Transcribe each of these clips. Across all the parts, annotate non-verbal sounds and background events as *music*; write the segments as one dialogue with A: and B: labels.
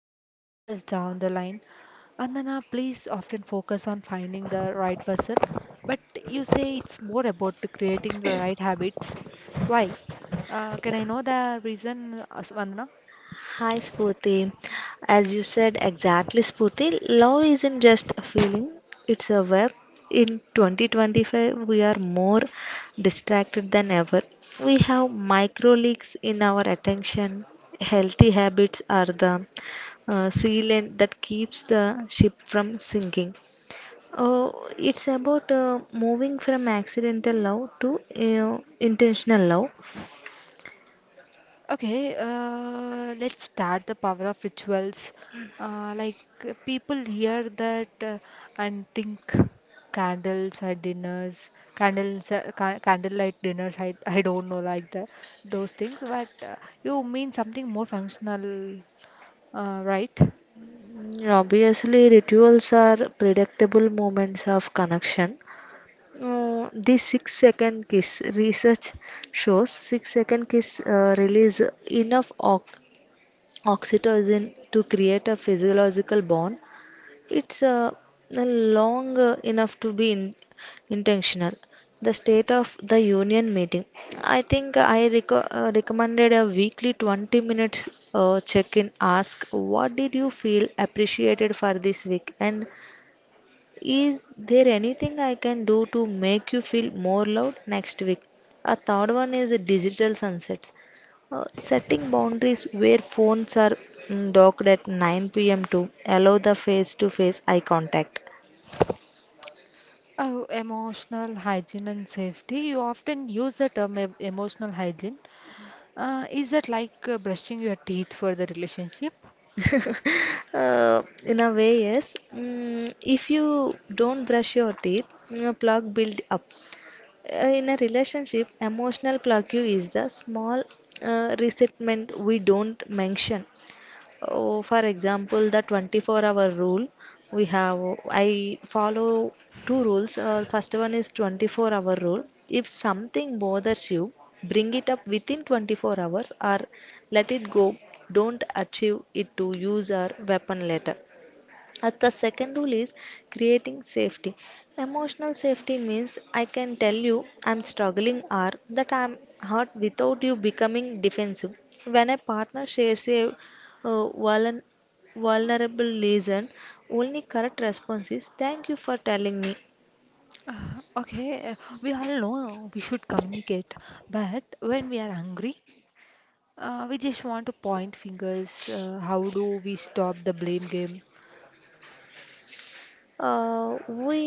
A: or 50 years down the line. Vandana, please often focus on finding the right person, but you say it's more about creating the right habits. Why? Can I know the reason, Vandana?
B: Hi Spurti. As you said exactly, Spurti, love isn't just a feeling, it's a web. In 2025, we are more distracted than ever. We have micro leaks in our attention. Healthy habits are the sealant that keeps the ship from sinking. Oh, it's about moving from accidental love to intentional love.
A: Okay, let's start the power of rituals. Uh, like People hear that and think candles at dinners, candles, candlelight dinners. I don't know like the those things, but you mean something more functional, right?
B: Mm, obviously, rituals are predictable moments of connection. The 6 second kiss research shows 6 second kiss release enough oxytocin to create a physiological bond. It's long enough to be intentional. The State of the Union meeting. I think I recommended a weekly 20 minute check in. Ask what did you feel appreciated for this week, and is there anything I can do to make you feel more loved next week? A third one is digital sunsets. Setting boundaries where phones are docked at 9 p.m. to allow the face to face eye contact.
A: Oh, emotional hygiene and safety. You often use the term emotional hygiene. Is that like brushing your teeth for the relationship?
B: In a way, yes. Mm, if you don't brush your teeth, your plug build up. In a relationship, emotional plaque is the small resentment we don't mention. Oh, for example, the 24-hour rule, we have, I follow two rules. First one is 24-hour rule. If something bothers you, bring it up within 24 hours or let it go. Don't achieve it to use our weapon later. And the second rule is creating safety. Emotional safety means I can tell you I'm struggling or that I'm hurt without you becoming defensive. When a partner shares a vulner- vulnerable reason, only correct response is thank you for telling me.
A: Uh, okay, uh, we all know we should communicate, but when we are angry, we just want to point fingers. How do we stop the blame game?
B: We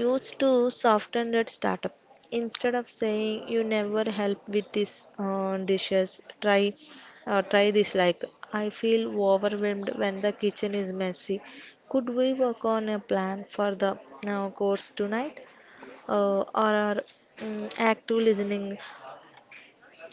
B: used to soften that startup. Instead of saying you never help with this dishes, try this, like I feel overwhelmed when the kitchen is messy. Could we work on a plan for the course tonight? Uh, or are active listening.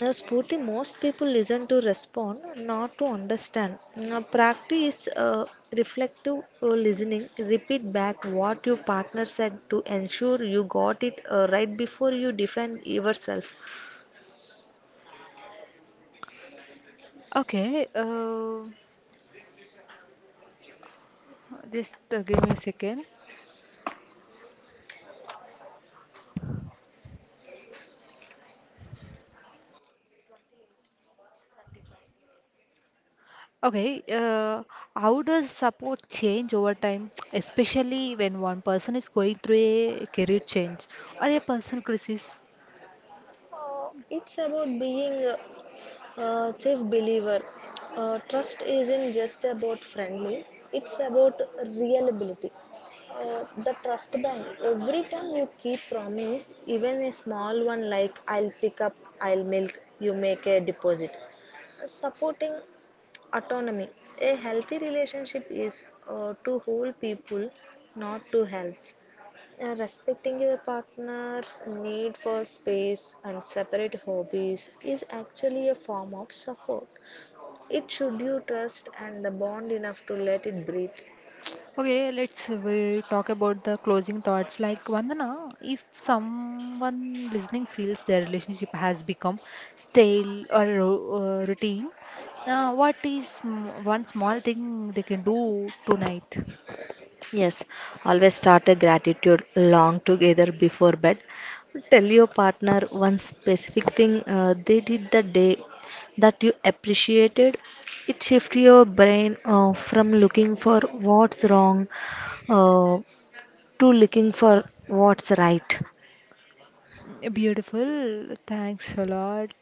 B: Spurti, most people listen to respond, not to understand. Now, practice reflective listening. Repeat back what your partner said to ensure you got it right before you defend yourself.
A: Okay, just give me a second. Okay, how does support change over time, *tsk* especially when one person is going through a career change or a personal crisis?
B: It's about being chief believer. Uh, trust isn't just about friendly, it's about reliability. The trust bank, every time you keep promise, even a small one like I'll pick up, I'll milk, you make a deposit. Supporting autonomy, a healthy relationship is to hold people, not to help. Respecting your partner's need for space and separate hobbies is actually a form of support. It should you trust and the bond enough to let it breathe.
A: Okay, let's we talk about the closing thoughts. Like Vandana, if someone listening feels their relationship has become stale or routine, what is one small thing they can do tonight?
B: Yes, always start a gratitude long together before bed. Tell your partner one specific thing they did the day that you appreciated. It shifts your brain from looking for what's wrong uh, to looking for what's right.
A: Beautiful. Thanks a lot.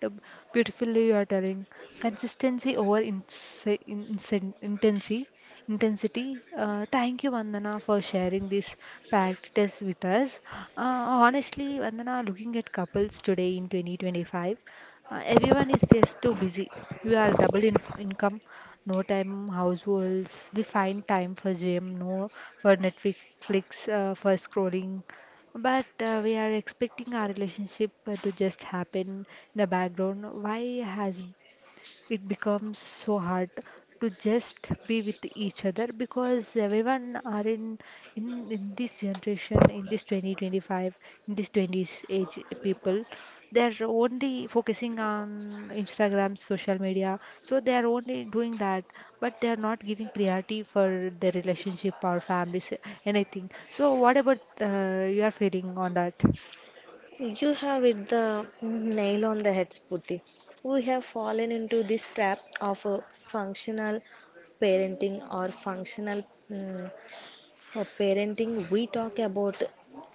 A: Beautifully, you are telling. Consistency over intensity. Intensity. Thank you, Vandana, for sharing this practice with us. Uh, Honestly, Vandana, looking at couples today in 2025, everyone is just too busy. We are double in income, no time households. We find time for gym, no for Netflix, for scrolling. But we are expecting our relationship to just happen in the background. Why has it becomes so hard to just be with each other, because everyone are in this generation, in this 2025, in this 20s age, people they're only focusing on Instagram, social media, so they are only doing that, but they are not giving priority for their relationship or families, anything. So what about your feeling on that?
B: You have hit the nail on the head, Spooty. We have fallen into this trap of a functional parenting or functional mm, parenting. We talk about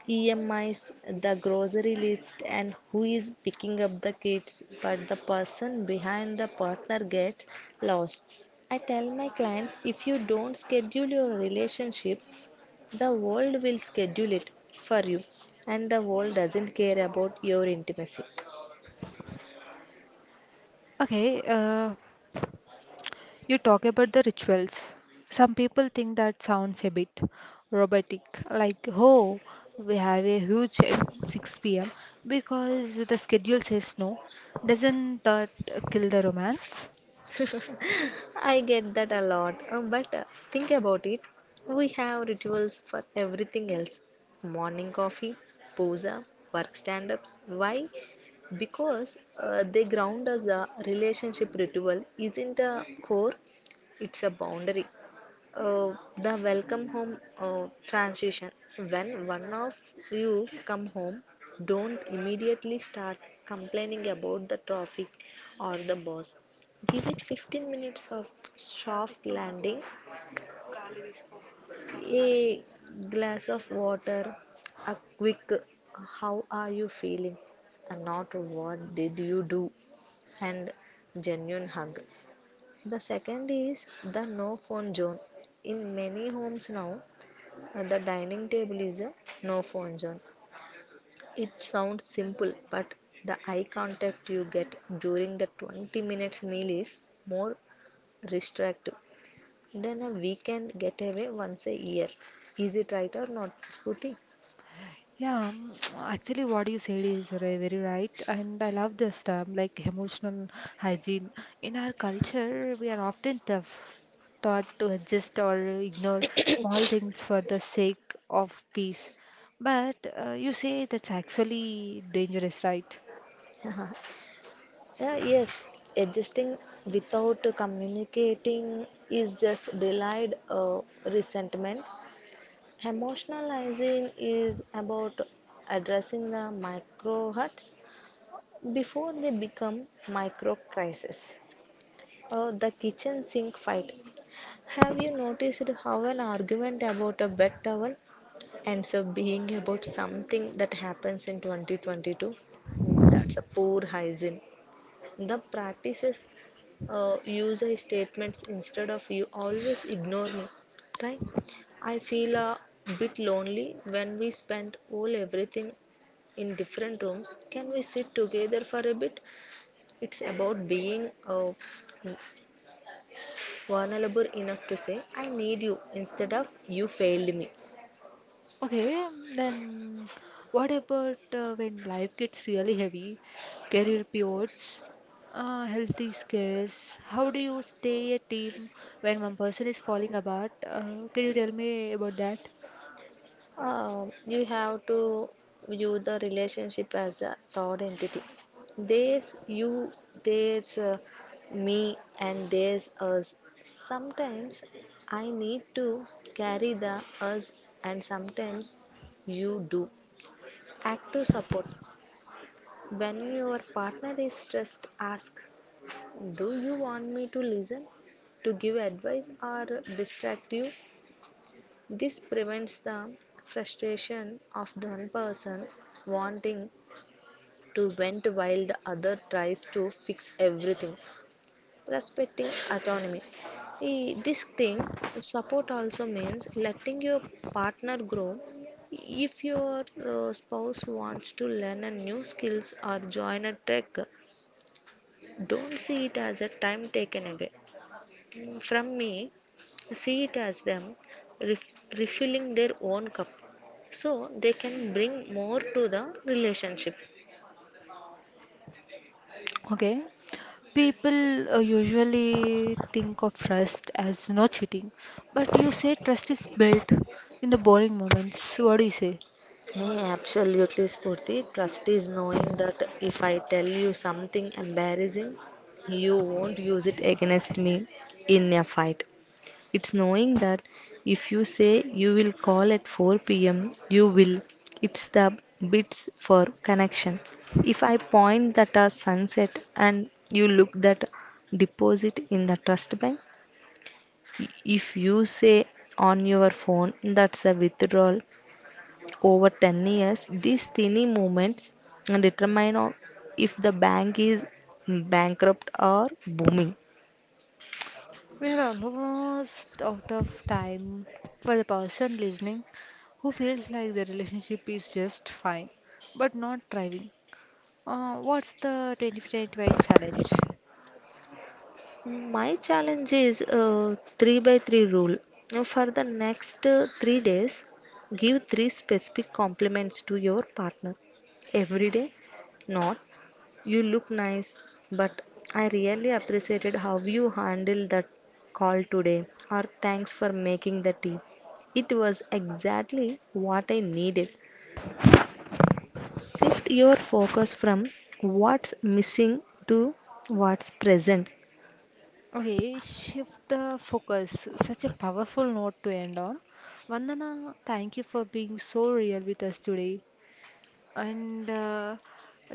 B: EMIs, the grocery list, and who is picking up the kids, but the person behind the partner gets lost. I tell my clients, if you don't schedule your relationship, the world will schedule it for you, and the world doesn't care about your intimacy.
A: Okay, you talk about the rituals. Some people think that sounds a bit robotic, like, oh, we have a huge at 6 p.m. because the schedule says no. Doesn't that kill the romance?
B: I get that a lot, but think about it. We have rituals for everything else: morning coffee, puja, work stand ups. Why? Because they ground us. A relationship ritual isn't a core, it's a boundary. Uh, the welcome home transition. When one of you come home, don't immediately start complaining about the traffic or the boss. Give it 15 minutes of soft landing, a glass of water, a quick how are you feeling, and not what did you do, and genuine hug. The second is the no phone zone. In many homes now, and the dining table is a no phone zone. It sounds simple, but the eye contact you get during the 20 minutes meal is more restrictive than a weekend getaway once a year. Is it right or not, Spooty?
A: Yeah, *tsk* actually, what you said is very right, and I love this term like emotional hygiene. In our culture, we are often tough, taught to adjust or ignore small things for the sake of peace. But you say that's actually dangerous, right?
B: Yes, adjusting without communicating is just delayed resentment. Emotionalizing is about addressing the micro hurts before they become micro crises, or the kitchen sink fight. Have you noticed how an argument about a wet towel ends up being about something that happens in 2022? Mm, that's a poor hygiene. The practices, use I statements instead of you always ignore me, right? I feel a bit lonely when we spend all everything in different rooms. Can we sit together for a bit? It's about being vulnerable enough to say, I need you, instead of you failed me.
A: Okay, then what about when life gets really heavy, career pivots, health is scarce? How do you stay a team when one person is falling apart? Can you tell me about that?
B: You have to view the relationship as a third entity. There's you, there's me, and there's us. Sometimes I need to carry the us, and sometimes you do. Active support. When your partner is stressed, ask, do you want me to listen, to give advice, or distract you? This prevents the frustration of the one person wanting to vent while the other tries to fix everything. Respecting autonomy. Eh, this thing, support also means letting your partner grow. If your spouse wants to learn a new skills or join a trek, don't see it as a time taken away. Mm, from me, see it as them ref- refilling their own cup so they can bring more to the relationship.
A: Okay. People usually think of trust as no cheating, but you say trust is built in the boring moments. What do you say?
B: Hey, absolutely, Spurti. Trust is knowing that if I tell you something embarrassing, you won't use it against me in a fight. It's knowing that if you say you will call at 4 p.m., you will. It's the bits for connection. If I point that a sunset and you look that deposit in the trust bank, if you say on your phone that's a withdrawal over 10 years, these tiny moments determine if the bank is bankrupt or booming.
A: We are almost out of time for the person listening who feels like the relationship is just fine but not thriving. What's the 2025 challenge?
B: My challenge is 3 by 3 rule. Now, for the next 3 days, give 3 specific compliments to your partner every day. Not, you look nice, but I really appreciated how you handled that call today, or thanks for making the tea. It was exactly what I needed. Shift your focus from what's missing to what's present.
A: Okay, shift the focus. Such a powerful note to end on. Vandana, thank you for being so real with us today. And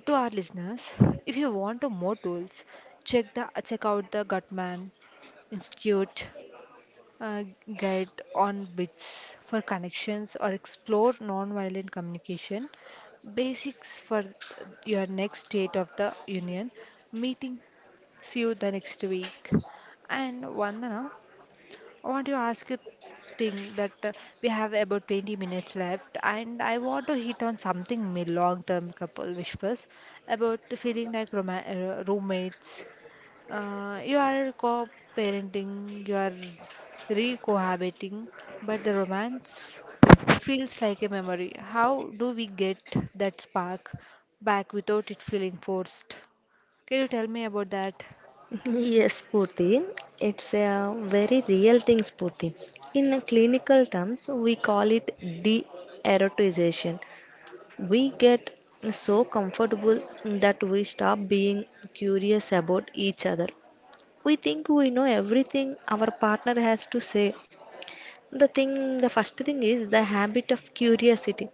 A: to our listeners, if you want to more tools, check out the Gutman Institute, uh, get on bits for connections, or explore nonviolent communication basics for your next state of the union meeting. See you the next week. And Vandana, I want to ask you thing that we have about 20 minutes left, and I want to hit on something mid long term couple whispers about feeling like roommates. You are co-parenting, you are re-cohabiting, but the romance, it feels like a memory. How do we get that spark back without it feeling forced? Can you tell me about that?
B: Yes, Purti. It's a very real thing, Purti. In clinical terms, we call it de-erotization. We get so comfortable that we stop being curious about each other. We think we know everything our partner has to say. The first thing is the habit of curiosity.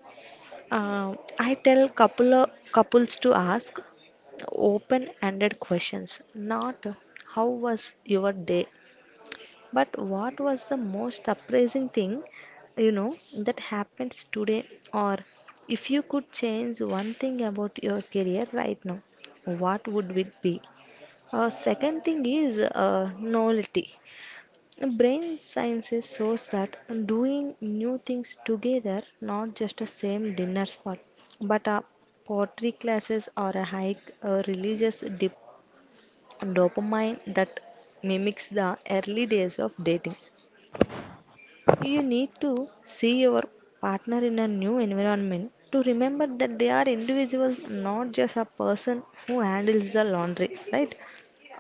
B: I tell couples to ask open-ended questions, not how was your day, but what was the most surprising thing you know that happens today, or if you could change one thing about your career right now, what would it be? Second thing is novelty. Brain sciences shows that doing new things together, not just a same dinner spot, but a pottery classes or a hike, a religious dip, dopamine that mimics the early days of dating. You need to see your partner in a new environment to remember that they are individuals, not just a person who handles the laundry, right?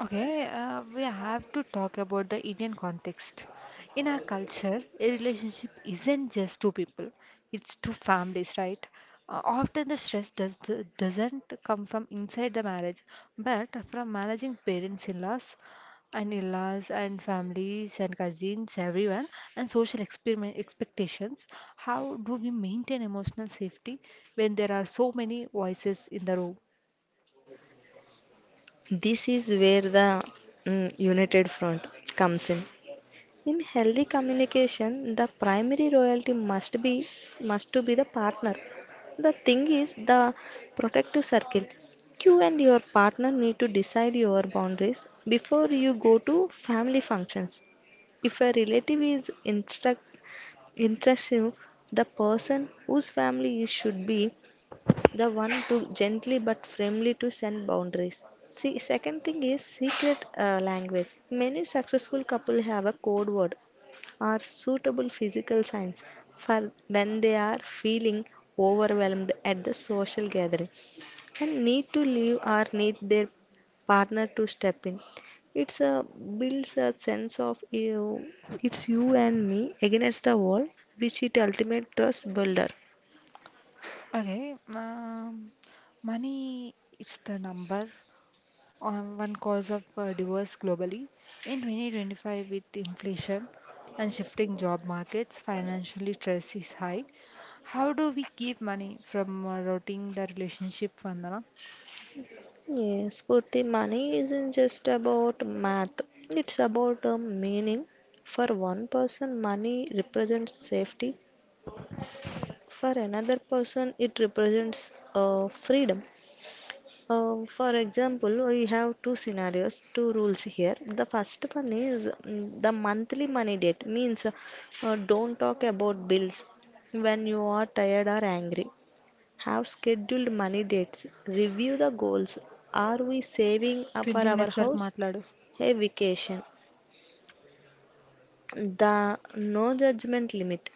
A: Okay, we have to talk about the Indian context. In our culture, a relationship isn't just two people, it's two families, right? Often the doesn't come from inside the marriage, but from managing parents in laws and families and cousins, everyone, and social expectations. How do we maintain emotional safety when there are so many voices in the room?
B: This is where the United Front comes in. In healthy communication, the primary royalty must be must to be the partner. The thing is the protective circle. You and your partner need to decide your boundaries before you go to family functions. If a relative is instruct intrusive, the person whose family is should be the one to gently but firmly to send boundaries. See, second thing is secret language. Many successful couple have a code word or suitable physical signs for when they are feeling overwhelmed at the social gathering and need to leave or need their partner to step in. It's a builds a sense of you, it's you and me against the world, which is ultimate trust builder.
A: Okay, money is the number one cause of divorce globally. In 2025, with inflation and shifting job markets, financially stress is high. How do we keep money from rotting the relationship, Vandana?
B: Yes, Purti, money isn't just about math. It's about a meaning. For one person, money represents safety. For another person, it represents freedom. For example, we have two scenarios, two rules here. The first one is, the monthly money date means don't talk about bills when you are tired or angry. Have scheduled money dates. Review the goals. Are we saving up for
A: 20
B: our
A: minutes వరకు
B: house?
A: మాట్లాడు.
B: A vacation. The no judgment limit.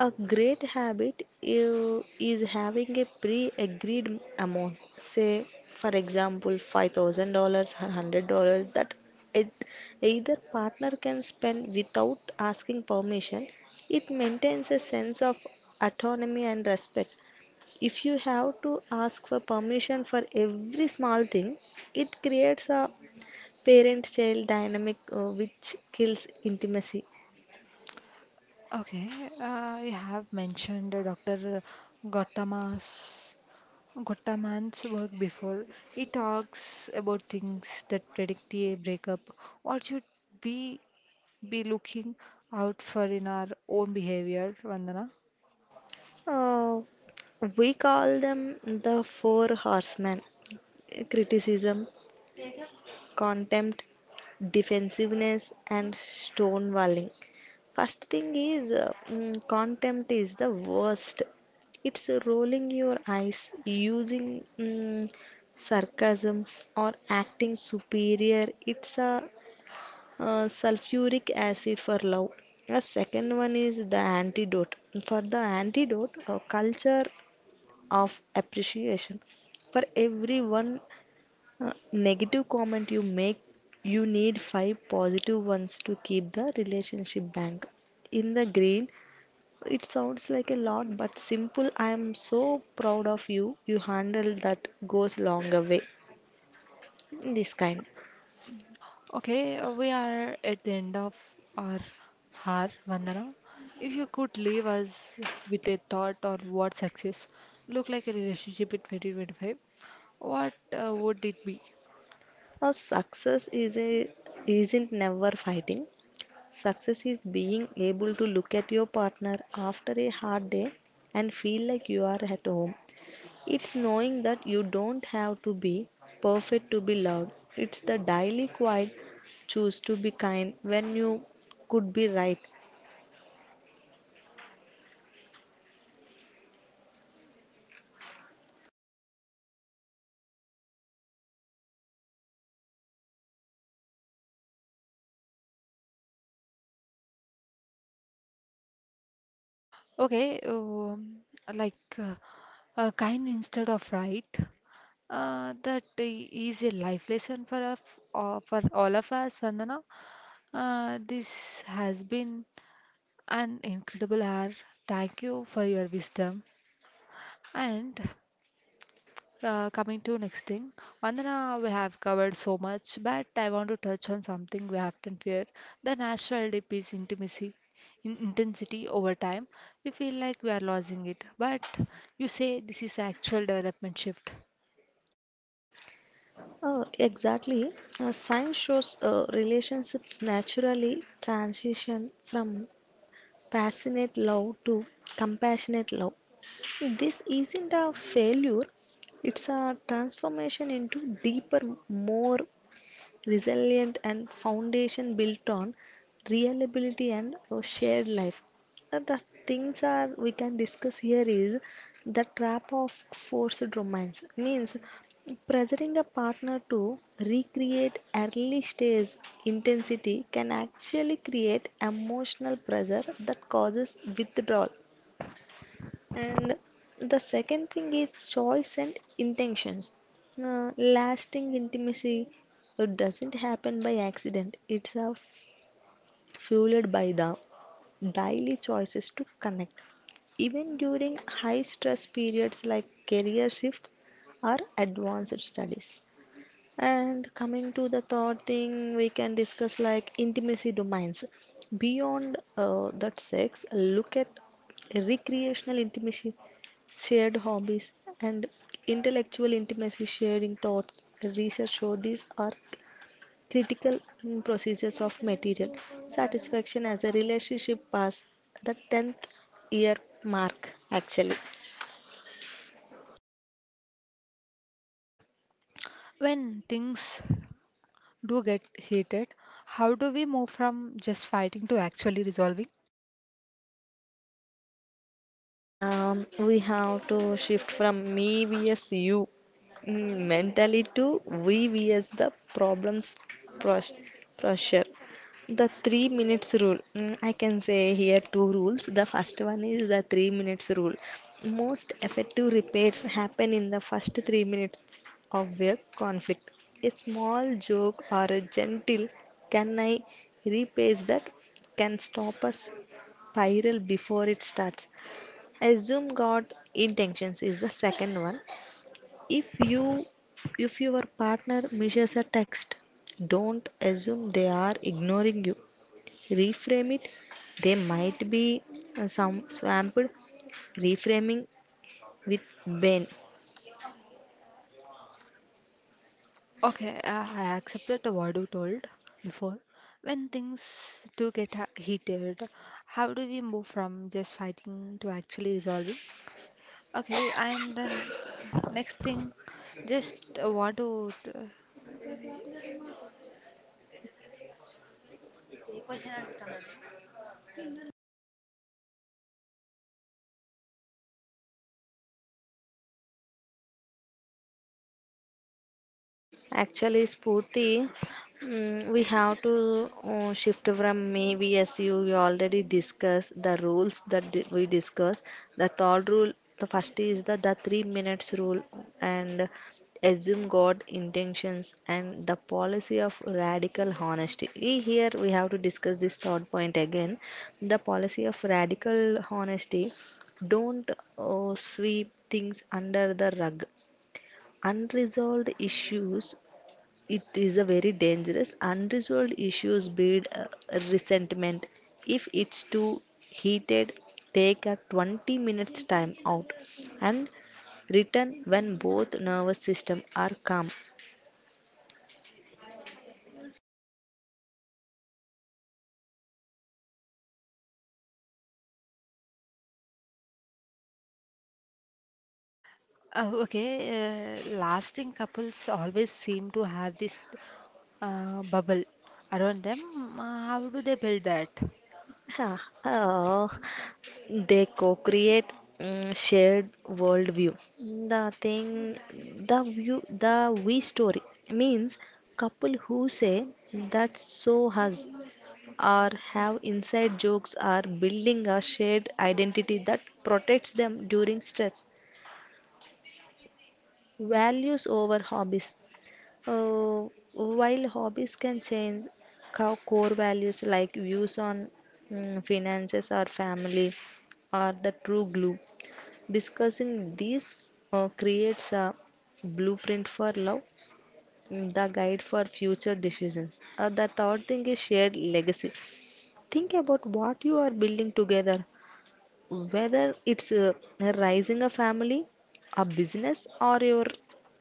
B: A great habit is having a pre-agreed amount. Say, for example, $5,000 or $100, that it, either partner can spend without asking permission. It maintains a sense of autonomy and respect. If you have to ask for permission for every small thing, it creates a parent-child dynamic which kills intimacy.
A: Okay, you have mentioned Dr. Gautama's Gottaman's work before. He talks about things that predict a breakup. What should we be looking out for in our own behavior, Vandana?
B: Uh, we call them the four horsemen: criticism, contempt, defensiveness, and stonewalling. First thing is, contempt is the worst. It's rolling your eyes, using sarcasm, or acting superior. It's a sulfuric acid for love. The second one is the antidote. For the antidote, culture of appreciation. For every one negative comment you make, you need five positive ones to keep the relationship bank in the green. It sounds like a lot, but simple "I am so proud of you, you handle that" goes long a way. This kind.
A: Okay, we are at the end of our hour, Vandana. If you could leave us with a thought on what success look like a relationship in 2025, what would it be?
B: Now success is a isn't never fighting. Success is being able to look at your partner after a hard day and feel like you are at home. It's knowing that you don't have to be perfect to be loved. It's the daily quiet, choose to be kind when you could be right.
A: Okay, like uh, kind instead of right. That is a life lesson for us, for all of us, Vandana. This has been an incredible hour. Thank you for your wisdom. And coming to next thing, Vandana, we have covered so much, but I want to touch on something we often fear: the natural dip is intimacy. In intensity over time, we feel like we are losing it. But you say this is actual development shift
B: Exactly. Science shows relationships naturally transition from passionate love to compassionate love. This isn't a failure, it's a transformation into deeper, more resilient and foundation built on reliability and shared life. The things are we can discuss here is the trap of forced romance means pressuring a partner to recreate early stage intensity can actually create emotional pressure that causes withdrawal. And the second thing is choice and intentions. Lasting intimacy, it doesn't happen by accident. It's fueled by the daily choices to connect. Even during high stress periods like career shifts or advanced studies. And coming to the third thing, we can discuss like intimacy domains. Beyond that sex, look at recreational intimacy, shared hobbies, and intellectual intimacy, sharing thoughts. Research shows these are critical procedures of material satisfaction as a relationship past the 10th year mark, actually.
A: when things do get heated. How do we move from just fighting to actually resolving?
B: Yeah, we have to shift from me vs you mentally to we vs the problems pros- pressure. The 3 minutes rule. I can say here two rules. The first one is the 3 minutes rule. Most effective repairs happen in the first 3 minutes of a conflict. A small joke or a gentle "can I" replace that can stop us spiral before it starts. Assume god intentions is the second one. If you if your partner misses a text, don't assume they are ignoring you. Reframe it, they might be some swamped. Reframing with ben.
A: Okay, I accepted the what you told before. When things do get heated, how do we move from just fighting to actually resolving? Okay, and then next thing, just want to. T-
B: Actually, Spurti, we have to shift from maybe as you we already discussed the rules we discussed. The third rule, the first is the 3 minutes rule and assume God intentions and the policy of radical honesty. Here we have to discuss this third point again. The policy of radical honesty. Don't sweep things under the rug. Unresolved issues, it is a very dangerous. Unresolved issues breed resentment. If it's too heated, take a 20 minutes time out and return when both nervous system are calm.
A: *laughs* Okay, lasting couples always seem to have this bubble around them. How do they build that?
B: Ah, oh, they co-create shared worldview, the thing, the view, the we story, means couple who say "that's so us" or have inside jokes are building a shared identity that protects them during stress. Values over hobbies. Uh, while hobbies can change, core values like views on finances or family are the true glue. Discussing these creates a blueprint for love, the guide for future decisions. The third thing is shared legacy. Think about what you are building together. Whether it's raising a family, a business, or your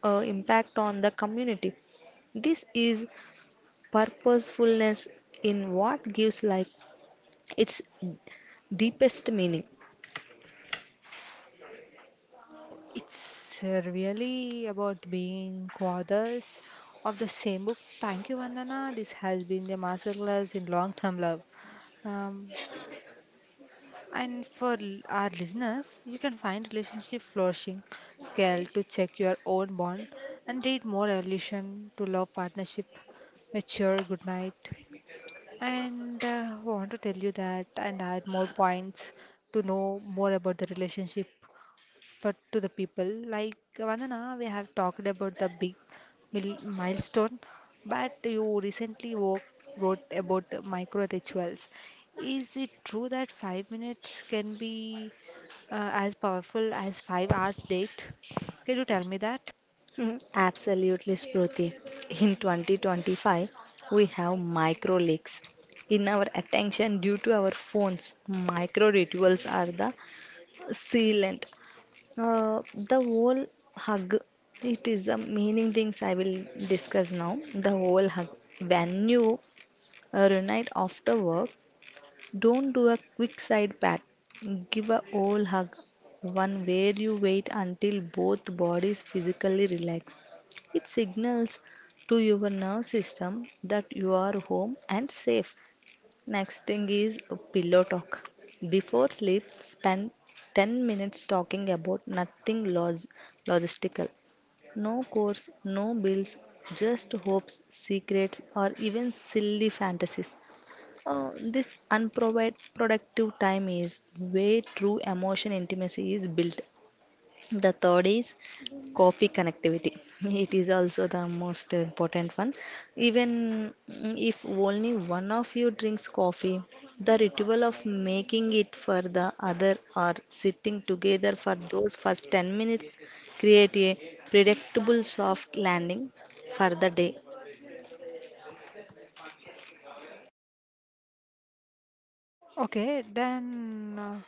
B: impact on the community. This is purposefulness in what gives life its deepest meaning.
A: It's Really about being co-authors of the same book. Thank you, Vandana. This has been the masterclass in long-term love. Um, and for our listeners, you can find relationship flourishing scale to check your own bond and read more evolution to love partnership. Mature, good night. And want to tell you that and add more points to know more about the relationship for to the people. Like Vandana, we have talked about the big milestone, but you recently wrote about the micro rituals. Is it true that 5 minutes can be as powerful as 5 hours date? Can you tell me that?
B: Absolutely, Spruti. In 2025, we have micro leaks in our attention due to our phones. Micro rituals are the sealant. The whole hug, it is the meaning things I will discuss now. The whole hug. When you reunite after work, don't do a quick side pat. Give a whole hug, one where you wait until both bodies physically relax. It signals to your nerve system that you are home and safe. Next thing is a pillow talk. Before sleep, spend 10 minutes talking about nothing logistical. No course, no bills, just hopes, secrets, or even silly fantasies. This unproductive time is where true emotion intimacy is built. The third is coffee connectivity. *laughs* It is also the most important one. Even if only one of you drinks coffee, the ritual of making it for the other or sitting together for those first 10 minutes create a predictable soft landing for the day.
A: Okay, then uh,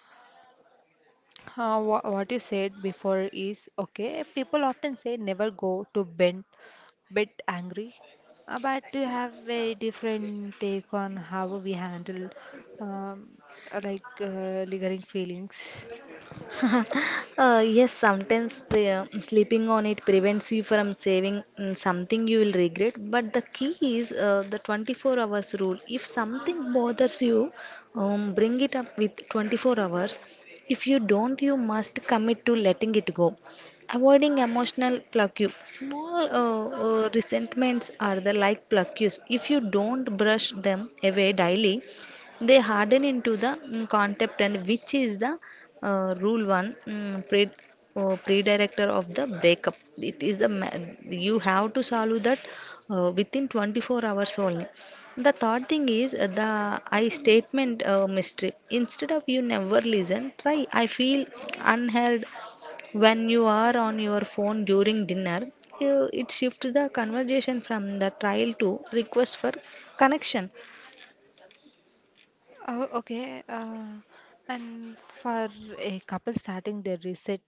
A: uh, wha- what you said before is okay. People often say never go to bed bit angry, but you have a different take on how we handle um, lingering feelings.
B: *laughs* Yes, sometimes sleeping on it prevents you from saving something you will regret. But the key is the 24 hours rule. If something bothers you, bring it up with 24 hours. If you don't, you must commit to letting it go. Avoiding emotional plague. Small resentments are the like plagues. If you don't brush them away daily, they harden into the concept, and which is the rule one pre predirector of the breakup. It is a ma-, you have to solve that within 24 hours only. The third thing is the I statement mystery. Instead of "you never listen," try "I feel unheard when you are on your phone during dinner." You, it shifts the conversation from the trial to request for connection.
A: Oh, okay. And for a couple starting their reset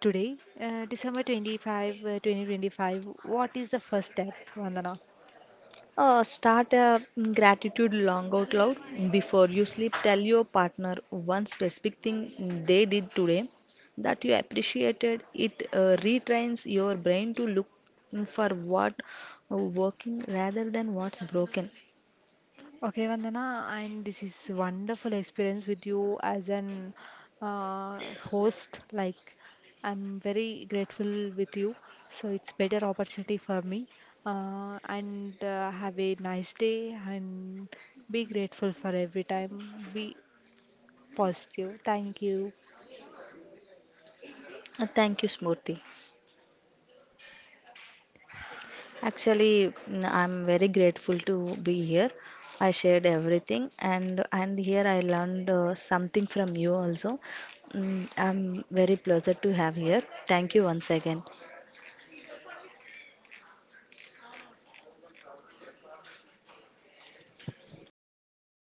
A: today, December 25, 2025, what is the first step, Vandana?
B: Start a gratitude long out loud before you sleep. Tell your partner one specific thing they did today that you appreciated. It retrains your brain to look for what working rather than what's broken.
A: Okay, Vandana, and this is wonderful experience with you as an uh, host. Like, I'm very grateful with you. So it's better opportunity for me. And Have a nice day, and be grateful for every time. Be positive. Thank you.
B: Thank you, Smurti. Actually, I'm very grateful to be here. I shared everything, and here I learned something from you also. I'm very pleasure to have here. Thank you once again.